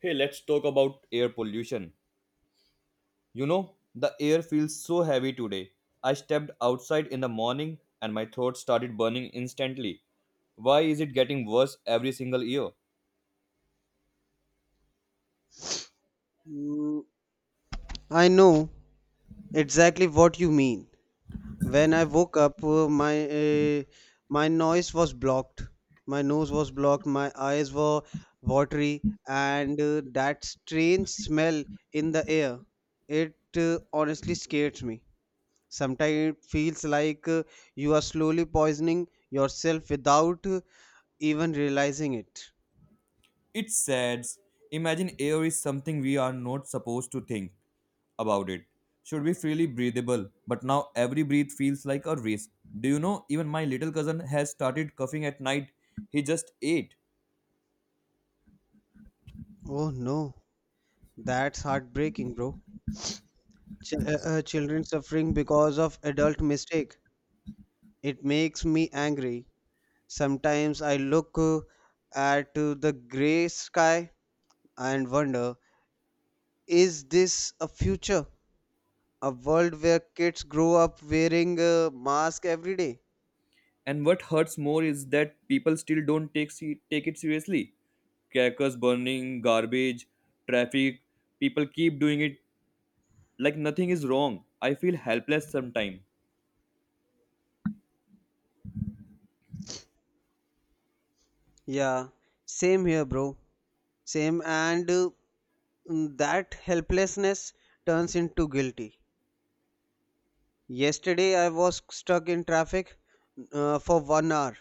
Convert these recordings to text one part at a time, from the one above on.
Hey, let's talk about air pollution. You know, the air feels so heavy today. I stepped outside in the morning and my throat started burning instantly. Why is it getting worse every single year? Mm, I know exactly what you mean. When I woke up, uh, my noise was blocked. My nose was blocked. My eyes were watery, and that strange smell in the air. It honestly scares me. Sometimes it feels like you are slowly poisoning yourself without even realizing it. It's sad. Imagine air is something we are not supposed to think about it. Should be freely breathable, but now every breath feels like a race. Do you know, even my little cousin has started coughing at night. He just ate. Oh no, that's heartbreaking, bro. Children suffering because of adult mistake. It makes me angry. Sometimes I look at the grey sky and wonder, is this a future? A world where kids grow up wearing a mask every day? And what hurts more is that people still don't take it seriously. Crackers burning, garbage, traffic. People keep doing it like nothing is wrong. I feel helpless sometimes. Yeah, same here, bro. Same, and that helplessness turns into guilty. Yesterday, I was stuck in traffic for one hour.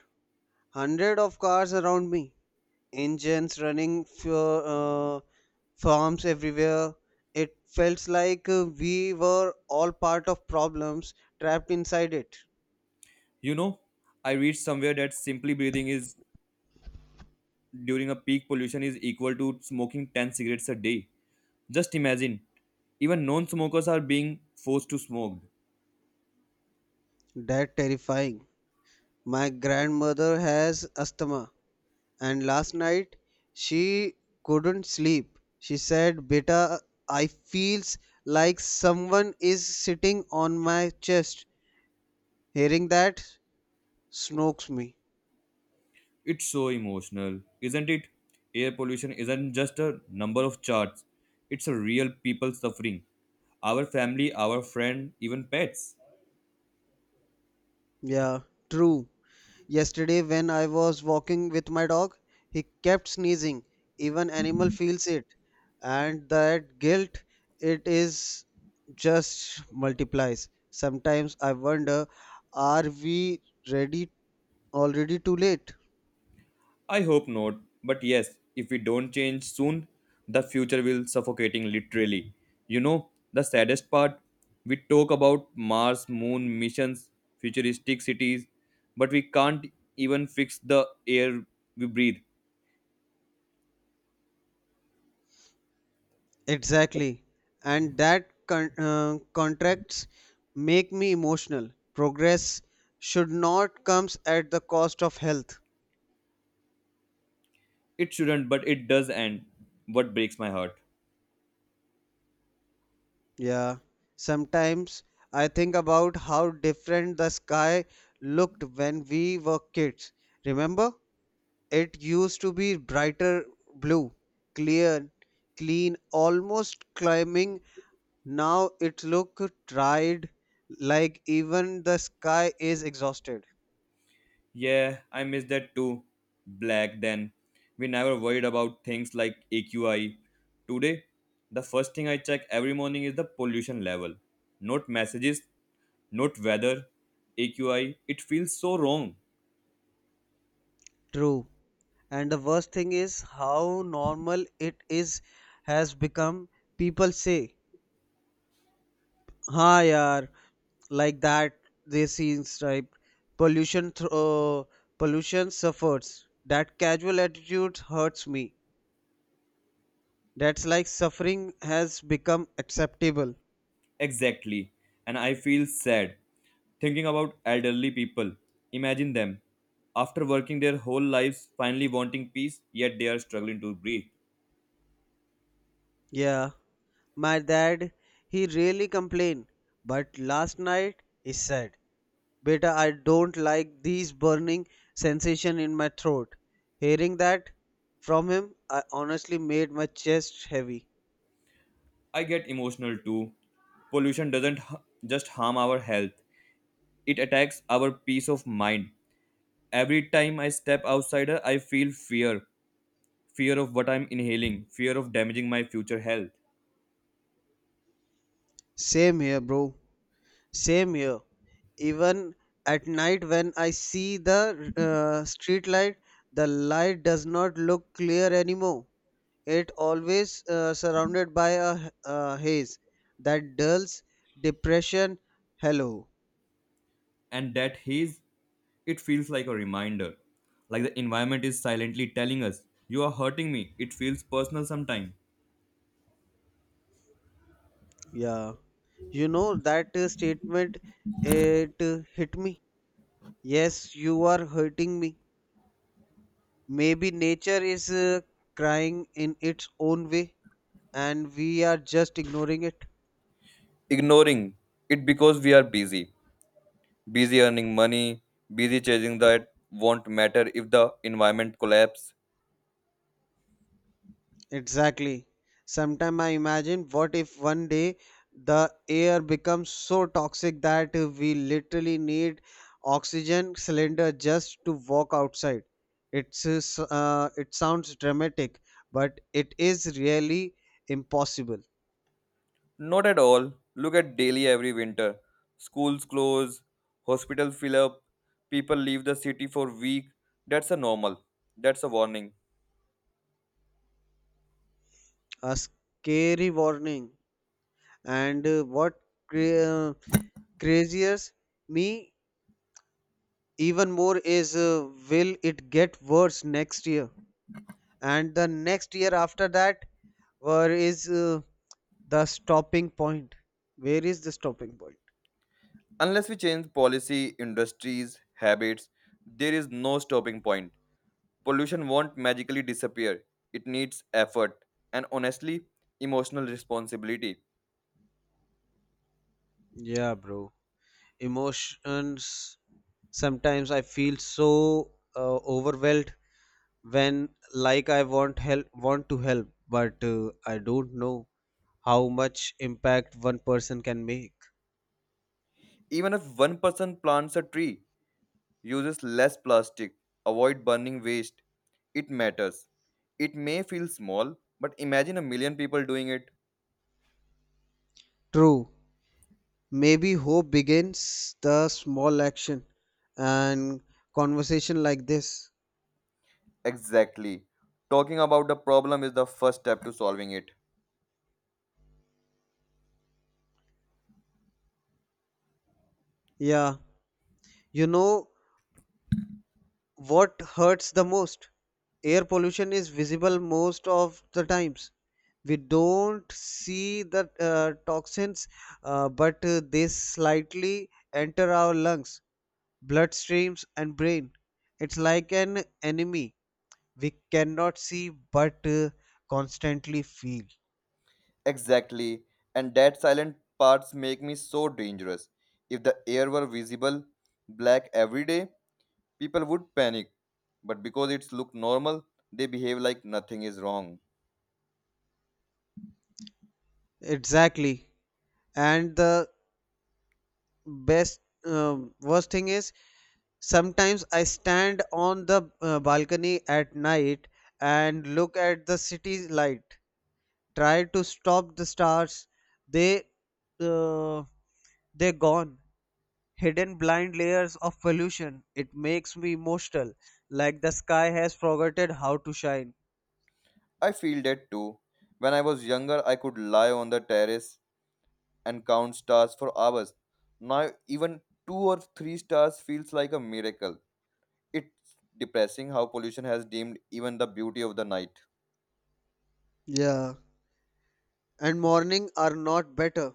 Hundred of cars around me. Engines running for farms everywhere. It felt like we were all part of problems, trapped inside it. You know, I read somewhere that simply breathing is during a peak pollution is equal to smoking 10 cigarettes a day. Just imagine, even non smokers are being forced to smoke. That terrifying. My grandmother has asthma, and last night she couldn't sleep. She said, beta, I feels like someone is sitting on my chest. Hearing that snokes me. It's so emotional, isn't it? Air pollution isn't just a number of charts, it's a real people suffering. Our family, our friend, even pets. Yeah, true. Yesterday, when I was walking with my dog, he kept sneezing. Even animal feels it, and that guilt, it is just multiplies. Sometimes I wonder, are we ready already too late? I hope not, but yes, if we don't change soon, the future will suffocating literally. You know, the saddest part, we talk about Mars, moon missions, futuristic cities, but we can't even fix the air we breathe. Exactly, and that contracts make me emotional. Progress should not comes at the cost of health. It shouldn't, but it does and what breaks my heart. Yeah, sometimes I think about how different the sky looked when we were kids. Remember? It used to be brighter blue, clear, clean, almost climbing. Now it look dried, like even the sky is exhausted. Yeah, I miss that too. Black then. We never worried about things like AQI. Today, the first thing I check every morning is the pollution level. Not messages, not weather. AQI, it feels so wrong. True. And the worst thing is how normal it is has become. People say हाँ यार, like that, they seem striped. pollution th- uh, Pollution suffers, that casual attitude hurts me. That's like suffering has become acceptable. Exactly. And I feel sad thinking about elderly people. Imagine them after working their whole lives finally wanting peace, yet they are struggling to breathe. Yeah, my dad, he really complained, but last night he said, beta, I don't like these burning sensation in my throat. Hearing that from him, I honestly made my chest heavy. I get emotional too. Pollution doesn't just harm our health, It attacks our peace of mind. Every time I step outside, I feel fear fear of what I'm inhaling, fear of damaging my future health. Same here, bro. Same here. Even at night when I see the street light, the light does not look clear anymore. It always surrounded by a haze that dulls depression. Hello. And that haze, it feels like a reminder. Like the environment is silently telling us, You are hurting me. It feels personal sometimes. Yeah, you know that statement, it hit me. Yes, you are hurting me. Maybe nature is crying in its own way, and we are just ignoring it. Ignoring it because we are busy. Busy earning money, busy chasing that won't matter if the environment collapse Exactly. Sometimes I imagine, what if one day the air becomes so toxic that we literally need oxygen cylinder just to walk outside? It sounds dramatic, but it is really impossible. Not at all. Look at Delhi every winter. Schools close, hospital fill up, people leave the city for week. That's a normal. That's a warning. A scary warning. And what cra- craziest me even more is, will it get worse next year? And the next year after that, where is the stopping point? Where is the stopping point? Unless we change policy, industries, habits, there is no stopping point. Pollution won't magically disappear. It needs effort and honestly, emotional responsibility. Yeah, bro, emotions. Sometimes I feel so overwhelmed when, like, I want to help, but I don't know how much impact one person can make. Even if one person plants a tree, uses less plastic, avoid burning waste. It matters. It may feel small, but imagine a million people doing it. True. Maybe hope begins the small action and conversation like this. Exactly. Talking about the problem is the first step to solving it. Yeah. You know, what hurts the most, air pollution is visible most of the times. We don't see the toxins, but they slightly enter our lungs, bloodstreams, and brain. It's like an enemy we cannot see but constantly feel. Exactly. And that silent parts make me so dangerous. If the air were visible, black every day, people would panic. But because it's look normal, they behave like nothing is wrong. Exactly. And the best worst thing is, sometimes I stand on the balcony at night and look at the city light, try to stop the stars. They uh, they're gone, hidden blind layers of pollution. It makes me emotional, like the sky has forgotten how to shine. I feel that too. When I was younger, I could lie on the terrace and count stars for hours. Now, even two or three stars feels like a miracle. It's depressing how pollution has dimmed even the beauty of the night. Yeah, and morning are not better.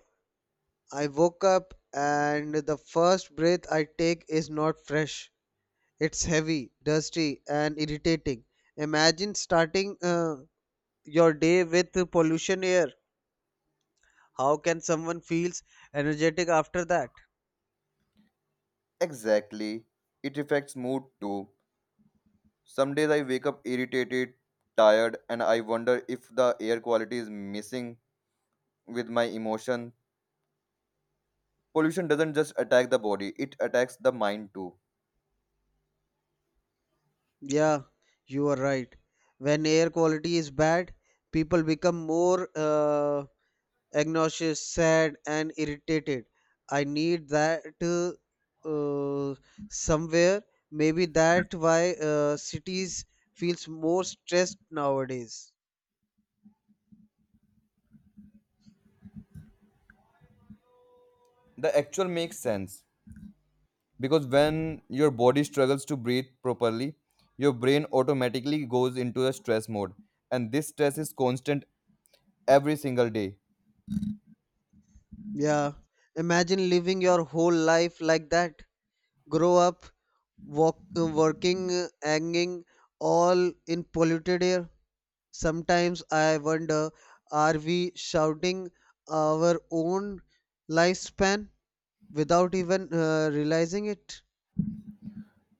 I woke up and the first breath I take is not fresh. It's heavy, dusty, and irritating. Imagine starting your day with pollution air. How can someone feels energetic after that? Exactly. It affects mood too. Some days I wake up irritated, tired, and I wonder if the air quality is missing with my emotion. Pollution doesn't just attack the body, it attacks the mind too. Yeah, you are right. When air quality is bad, people become more anxious, sad, and irritated. I need that somewhere. Maybe that why cities feels more stressed nowadays. The actual makes sense, because when your body struggles to breathe properly your brain automatically goes into a stress mode and this stress is constant every single day. Yeah, imagine living your whole life like that. Grow up, walk, working, hanging, all in polluted air. Sometimes I wonder, are we shouting our own lifespan without even realizing it?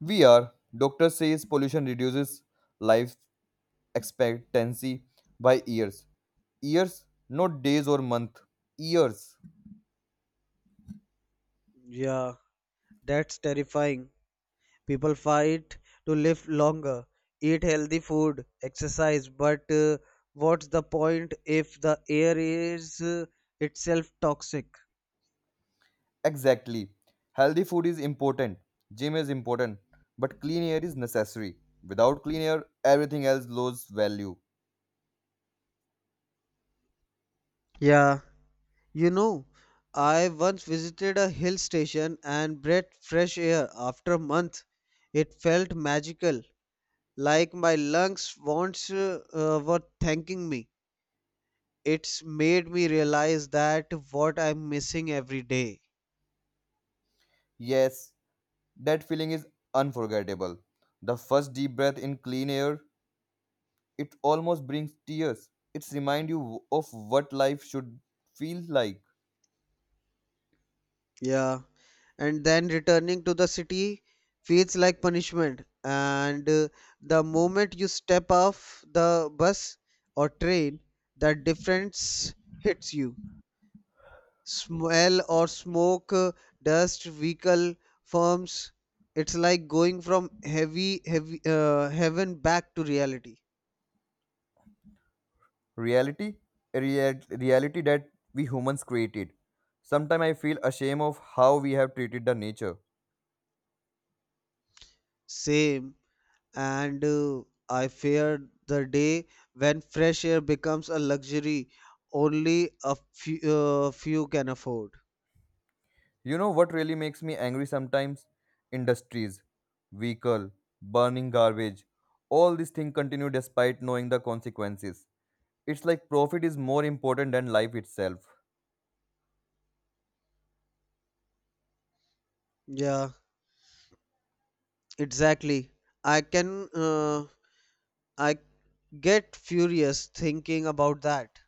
We are doctor says pollution reduces life expectancy by years, years, not days or month, years. Yeah, that's terrifying. People fight to live longer, eat healthy food, exercise, but what's the point if the air is itself toxic? Exactly. Healthy food is important, gym is important, but clean air is necessary. Without clean air everything else loses value. Yeah, you know, I once visited a hill station and breathed fresh air after a month. It felt magical, like my lungs once were thanking me. It's made me realize that what I'm missing every day. Yes. That feeling is unforgettable. The first deep breath in clean air, it almost brings tears. It's remind you of what life should feel like. Yeah, and then returning to the city feels like punishment. And the moment you step off the bus or train, that difference hits you, smell or smoke, dust, vehicle, firms. It's like going from heavy, heavy heaven back to reality. Reality, a reality that we humans created. Sometimes I feel ashamed of how we have treated the nature. Same, and I fear the day when fresh air becomes a luxury only few can afford. You know what really makes me angry sometimes? Industries, vehicle, burning garbage. All these things continue despite knowing the consequences. It's like profit is more important than life itself. Yeah, exactly. I can uh, I get furious thinking about that.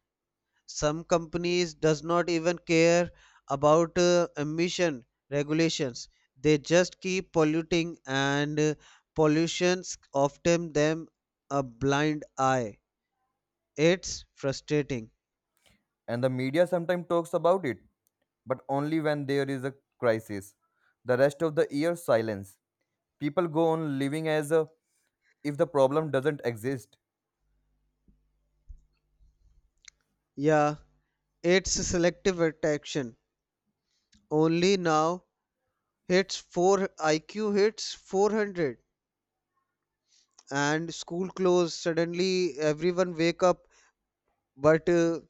Some companies does not even care about emission regulations. They just keep polluting, and pollutions often them a blind eye. It's frustrating. And the media sometimes talks about it, but only when there is a crisis. The rest of the year, silence. People go on living as if the problem doesn't exist. Yeah, it's selective attraction. Only now hits 4 IQ hits 400 and school close. Suddenly everyone wake up, but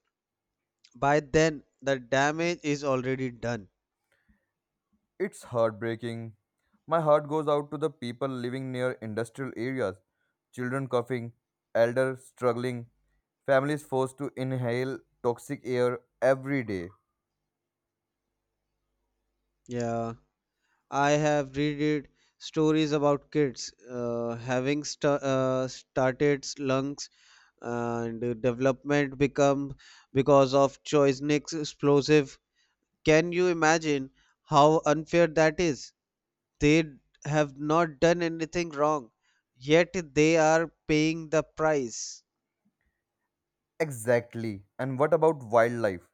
by then the damage is already done. It's heartbreaking. My heart goes out to the people living near industrial areas, children coughing, elders struggling, families forced to inhale toxic air every day. Yeah, I have read it, stories about kids having started lungs and development become because of Choisnik's explosive. Can you imagine how unfair that is? They have not done anything wrong, yet they are paying the price. Exactly. And what about wildlife?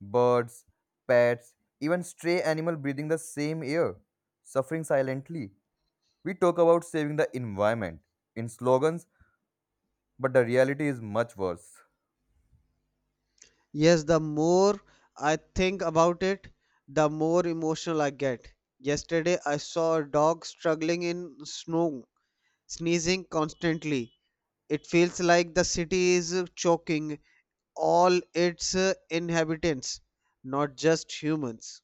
Birds, pets, even stray animal breathing the same air, suffering silently. We talk about saving the environment in slogans, but the reality is much worse. Yes, the more I think about it, the more emotional I get. Yesterday, I saw a dog struggling in snow, sneezing constantly. It feels like the city is choking all its inhabitants, not just humans.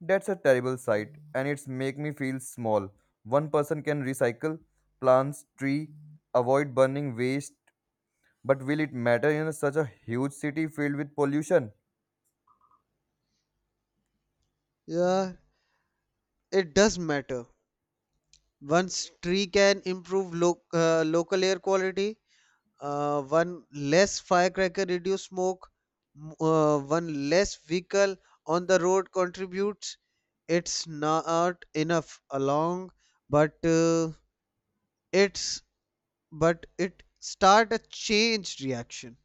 That's a terrible sight and it's make me feel small. One person can recycle plants, tree, avoid burning waste, but will it matter in such a huge city filled with pollution? Yeah, it does matter. One tree can improve local air quality. One less firecracker reduce smoke. One less vehicle on the road contributes. It's not enough along, but uh, it's but it start a change reaction.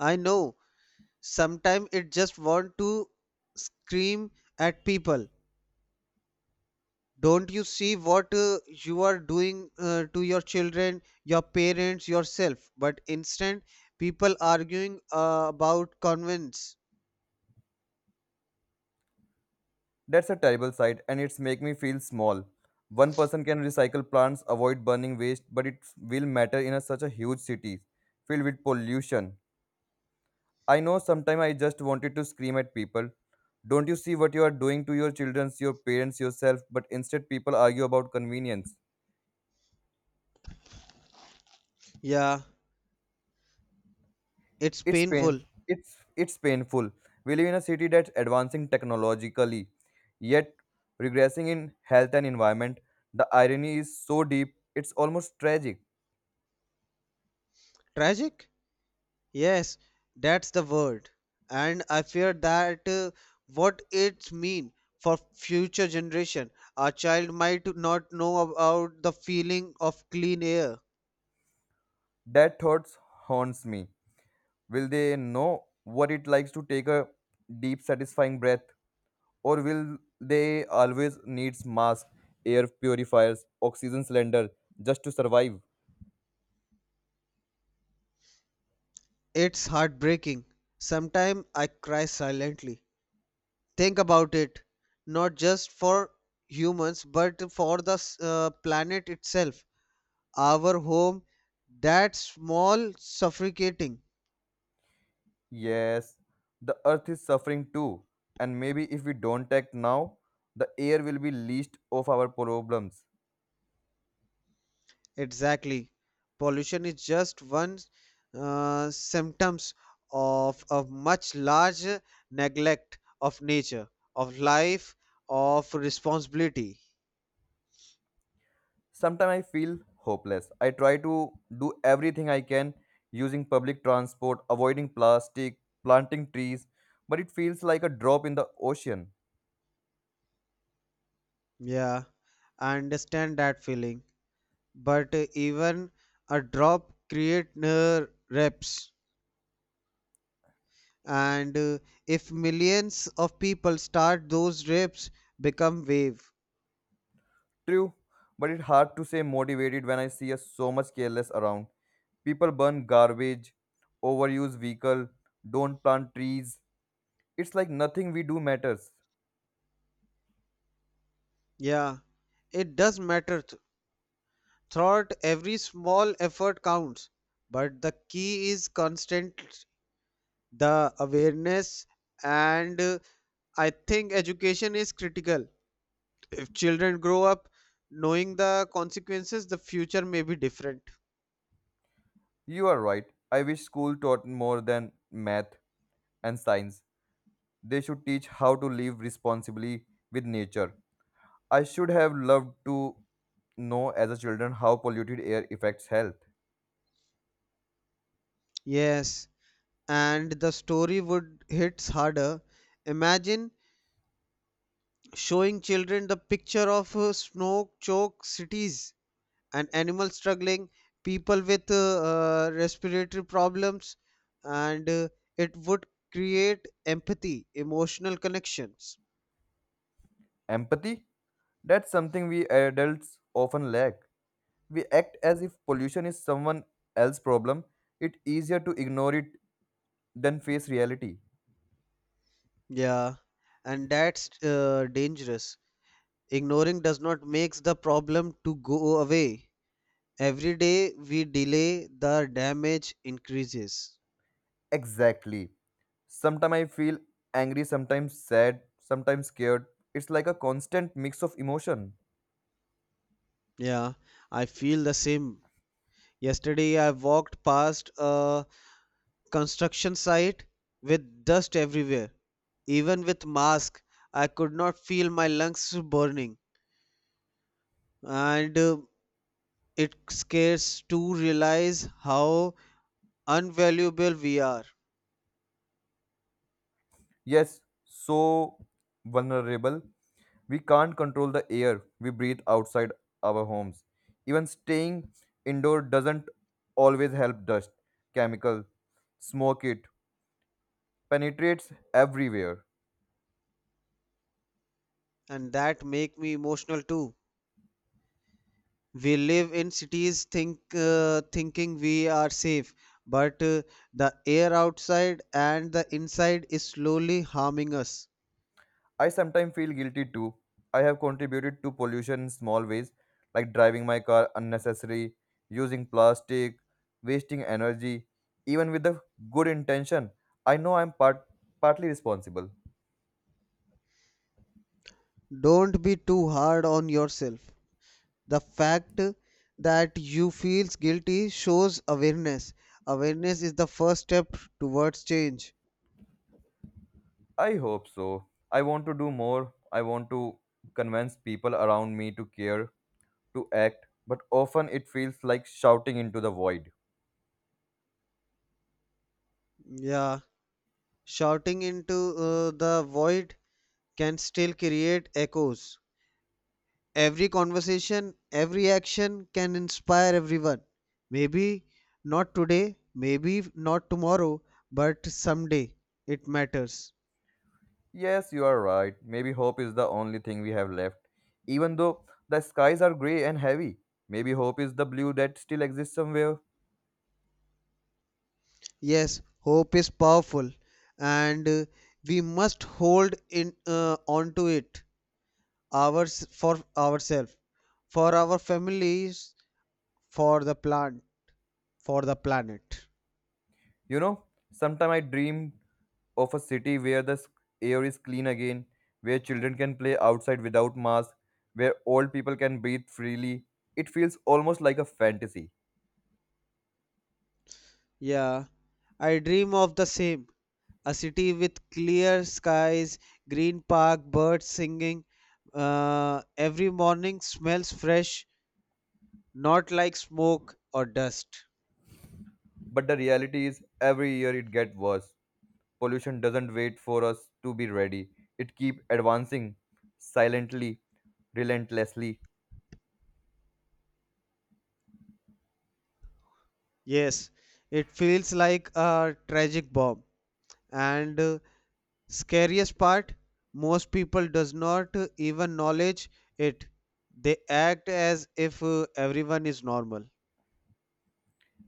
I know, sometimes it just want to scream at people. Don't you see what you are doing to your children, your parents, yourself? But instant people arguing about convents. That's a terrible sight and it's make me feel small. One person can recycle plants, avoid burning waste, but it will matter in a, such a huge city filled with pollution. I know sometimes I just wanted to scream at people. Don't you see what you are doing to your children, your parents, yourself, but instead people argue about convenience. Yeah, it's It's pain painful. It's painful. We live in a city that's advancing technologically, yet regressing in health and environment. The irony is so deep, it's almost tragic. Tragic. Yes, that's the word. And I fear that what it mean for future generation. A child might not know about the feeling of clean air. That thoughts haunts me. Will they know what it likes to take a deep, satisfying breath, or will they always needs masks, air purifiers, oxygen cylinder just to survive? It's heartbreaking. Sometimes I cry silently. Think about it, not just for humans, but for the planet itself. Our home, that small, suffocating. Yes, the earth is suffering too, and maybe if we don't act now, the air will be least of our problems. Exactly. Pollution is just one symptoms of a much larger neglect of nature, of life, of responsibility. Sometimes I feel hopeless. I try to do everything I can using public transport, avoiding plastic, planting trees, but it feels like a drop in the ocean. Yeah, I understand that feeling. But even a drop create reps, and if millions of people start, those reps become wave. True, but it's hard to stay motivated when I see a so much careless around. People burn garbage, overuse vehicle, don't plant trees. It's like nothing we do matters. Yeah, it does matter. Throughout, every small effort counts, but the key is constant, the awareness, and I think education is critical. If children grow up knowing the consequences, the future may be different. You are right. I wish school taught more than math and science. They should teach how to live responsibly with nature. I should have loved to know as a children how polluted air affects health. Yes, and the story would hits harder. Imagine showing children the picture of snow choked cities and animals struggling, people with respiratory problems, and it would create empathy, emotional connections. Empathy? That's something we adults often lack. We act as if pollution is someone else's problem. It's easier to ignore it than face reality. Yeah, and that's dangerous. Ignoring does not makes the problem to go away. Every day we delay, the damage increases. Exactly. Sometimes I feel angry, sometimes sad, sometimes scared. It's like a constant mix of emotion. Yeah, I feel the same. Yesterday I walked past a construction site with dust everywhere. Even with mask, I could not feel my lungs burning, and it scares to realize how unvaluable we are. Yes, so vulnerable. We can't control the air we breathe outside our homes. Even staying indoor doesn't always help dust, chemical, smoke it penetrates everywhere. And that make me emotional too. We live in cities, thinking we are safe, but the air outside and the inside is slowly harming us. I sometimes feel guilty too. I have contributed to pollution in small ways like driving my car unnecessary, using plastic, wasting energy even with the good intention. I know I'm partly responsible. Don't be too hard on yourself. The fact that you feel guilty shows awareness. Awareness is the first step towards change. I hope so. I want to do more. I want to convince people around me to care, to act, but often it feels like shouting into the void. Yeah, shouting into the void can still create echoes. Every conversation, every action can inspire everyone. Maybe not today, maybe not tomorrow, but someday it matters. Yes, you are right. Maybe hope is the only thing we have left. Even though the skies are grey and heavy, maybe hope is the blue that still exists somewhere. Yes, hope is powerful, and we must hold in on to it, ours, for ourselves, for our families, for the plant for the planet. You know, sometimes I dream of a city where the air is clean again, where children can play outside without masks, where old people can breathe freely. It feels almost like a fantasy. Yeah, I dream of the same. A city with clear skies, green park, birds singing, every morning smells fresh, not like smoke or dust. But the reality is, every year it gets worse. Pollution doesn't wait for us to be ready. It keeps advancing silently, relentlessly. Yes, it feels like a tragic bomb, and scariest part, most people does not even knowledge it. They act as if everyone is normal.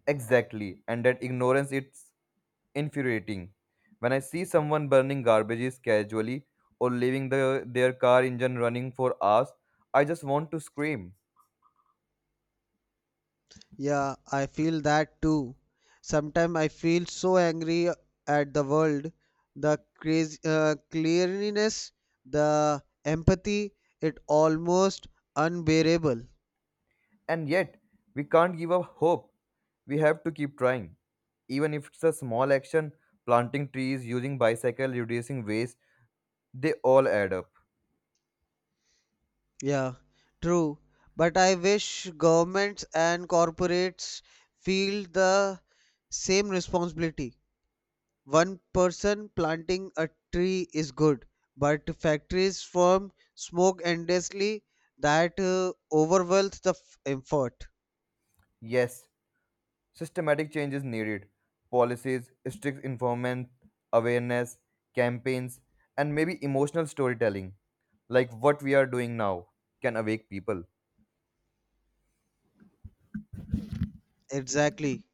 Exactly, and that ignorance it's infuriating. When I see someone burning garbages casually or leaving the, their car engine running for hours, I just want to scream. Yeah, I feel that too. Sometimes I feel so angry at the world, the crazy, cleanliness, the empathy, it almost unbearable. And yet, we can't give up hope. We have to keep trying. Even if it's a small action, planting trees, using bicycle, reducing waste, They all add up. Yeah, true. But I wish governments and corporates feel the same responsibility. One person planting a tree is good, but factories form smoke endlessly that overwhelms the effort. Yes, systematic change is needed. Policies, strict enforcement, awareness, campaigns, and maybe emotional storytelling, like what we are doing now, can awake people. Exactly.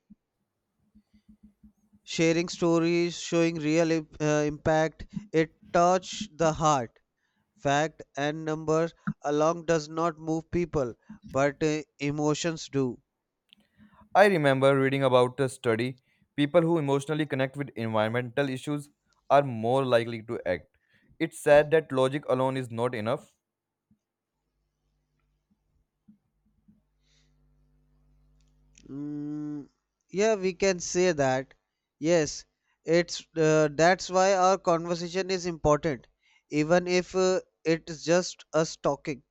Sharing stories, showing real impact, it touch the heart. Fact and numbers along does not move people, but emotions do. I remember reading about a study people who emotionally connect with environmental issues are more likely to act. It's sad that logic alone is not enough. Mm, yeah, we can say that. Yes, it's that's why our conversation is important, even if it's just us talking.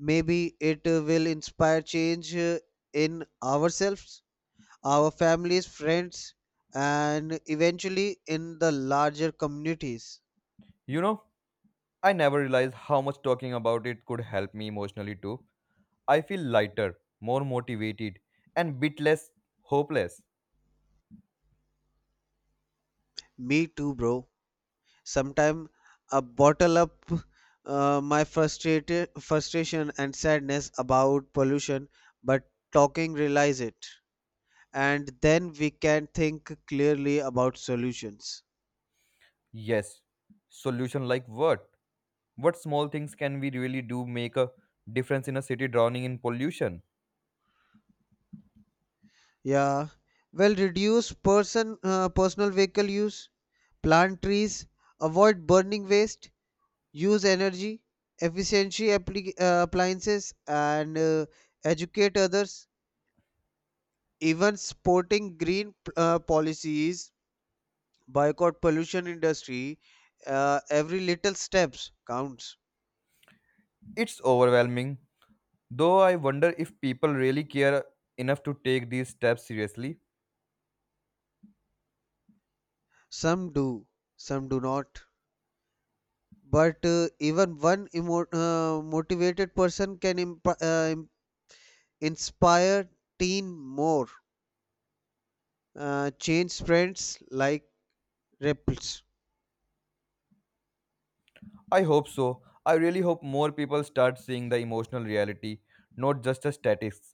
Maybe it will inspire change in ourselves, our families, friends, and eventually in the larger communities. You know, I never realized how much talking about it could help me emotionally too. I feel lighter, more motivated, and bit less hopeless. Me too, bro. Sometimes I bottle up my frustrated frustration and sadness about pollution, but talking realize it, and then we can think clearly about solutions. Yes. Solution like what? What small things can we really do make a difference in a city drowning in pollution? Yeah, well, reduce personal vehicle use, plant trees, avoid burning waste, use energy efficiency appliances, and educate others, even supporting green policies, boycott pollution industry. Every little steps counts. It's overwhelming. Though I wonder if people really care enough to take these steps seriously. Some do, some do not, but even one motivated person can inspire teen more, change sprints like ripples. I hope so. I really hope more people start seeing the emotional reality, not just the statistics.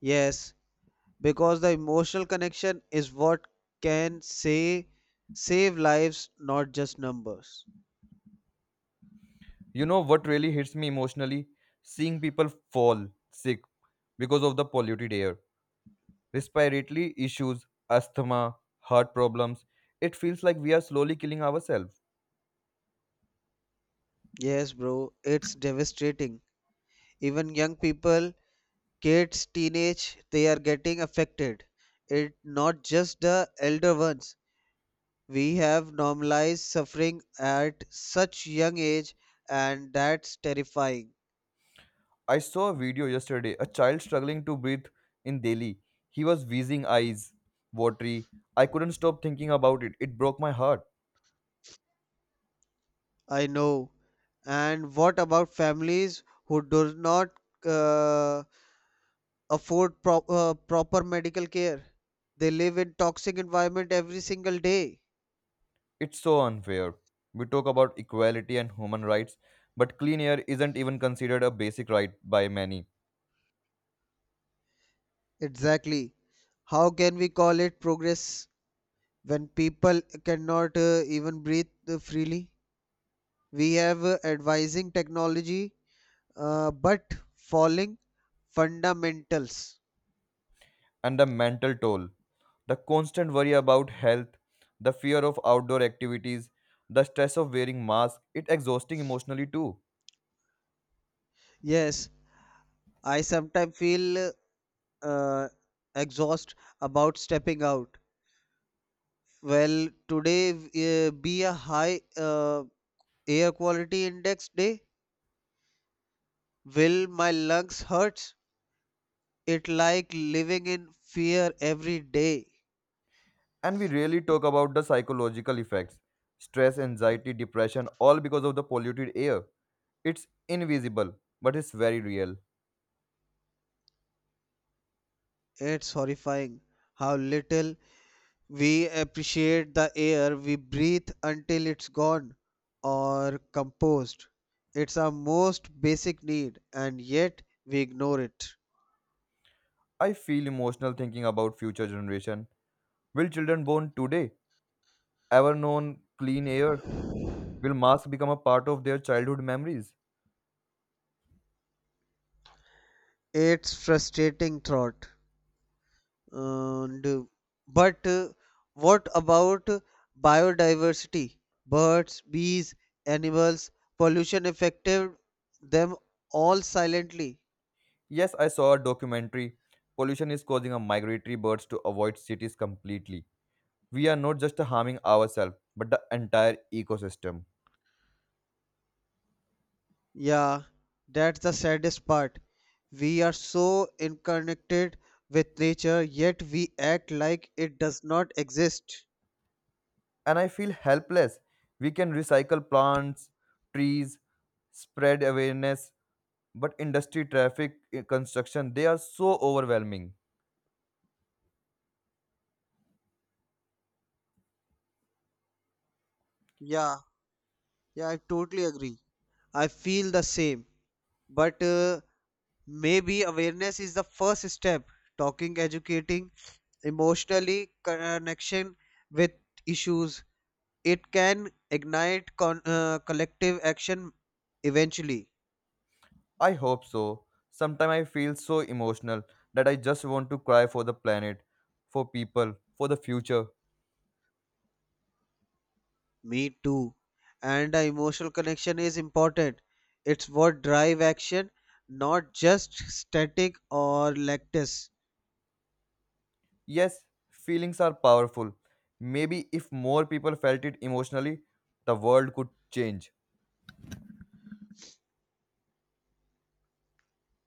Yes, because the emotional connection is what can say save lives, not just numbers. You know what really hits me emotionally? Seeing people fall sick because of the polluted air respiratory issues, asthma, heart problems. It feels like we are slowly killing ourselves. Yes, bro, it's devastating. Even young people, kids, teenage, they are getting affected. It not just the elder ones. We have normalized suffering at such young age, and that's terrifying. I saw a video yesterday, a child struggling to breathe in Delhi. He was wheezing eyes, watery. I couldn't stop thinking about it. It broke my heart. I know. And what about families who do not uh, afford proper medical care? They live in toxic environment every single day. It's so unfair. We talk about equality and human rights, but clean air isn't even considered a basic right by many. Exactly. How can we call it progress when people cannot even breathe freely? We have advising technology, but falling fundamentals. And the mental toll. The constant worry about health, the fear of outdoor activities, the stress of wearing masks, it exhausting emotionally too. Yes, I sometimes feel uh, exhaust about stepping out. Well, today be a high air quality index day. Will my lungs hurt? It like living in fear every day. And we rarely talk about the psychological effects stress, anxiety, depression, all because of the polluted air. It's invisible, but it's very real. It's horrifying how little we appreciate the air we breathe until it's gone or composed. It's our most basic need, and yet we ignore it. I feel emotional thinking about future generation. Will children born today ever known clean air? Will masks become a part of their childhood memories? It's frustrating thought. And, uh, but what about biodiversity? Birds, bees, animals, pollution affected them all silently. Yes, I saw a documentary. Pollution is causing our migratory birds to avoid cities completely. We are not just harming ourselves, but the entire ecosystem. Yeah, that's the saddest part. We are so interconnected with nature, yet we act like it does not exist. And I feel helpless. We can recycle plants, trees, spread awareness, but industry, traffic, construction, they are so overwhelming. Yeah, yeah, I totally agree. I feel the same. But maybe awareness is the first step. Talking, educating, emotionally connection with issues. It can ignite collective action eventually. I hope so. Sometimes I feel so emotional that I just want to cry for the planet, for people, for the future. Me too. And the emotional connection is important. It's what drive action, not just static or lactis. Yes, feelings are powerful. Maybe if more people felt it emotionally, the world could change.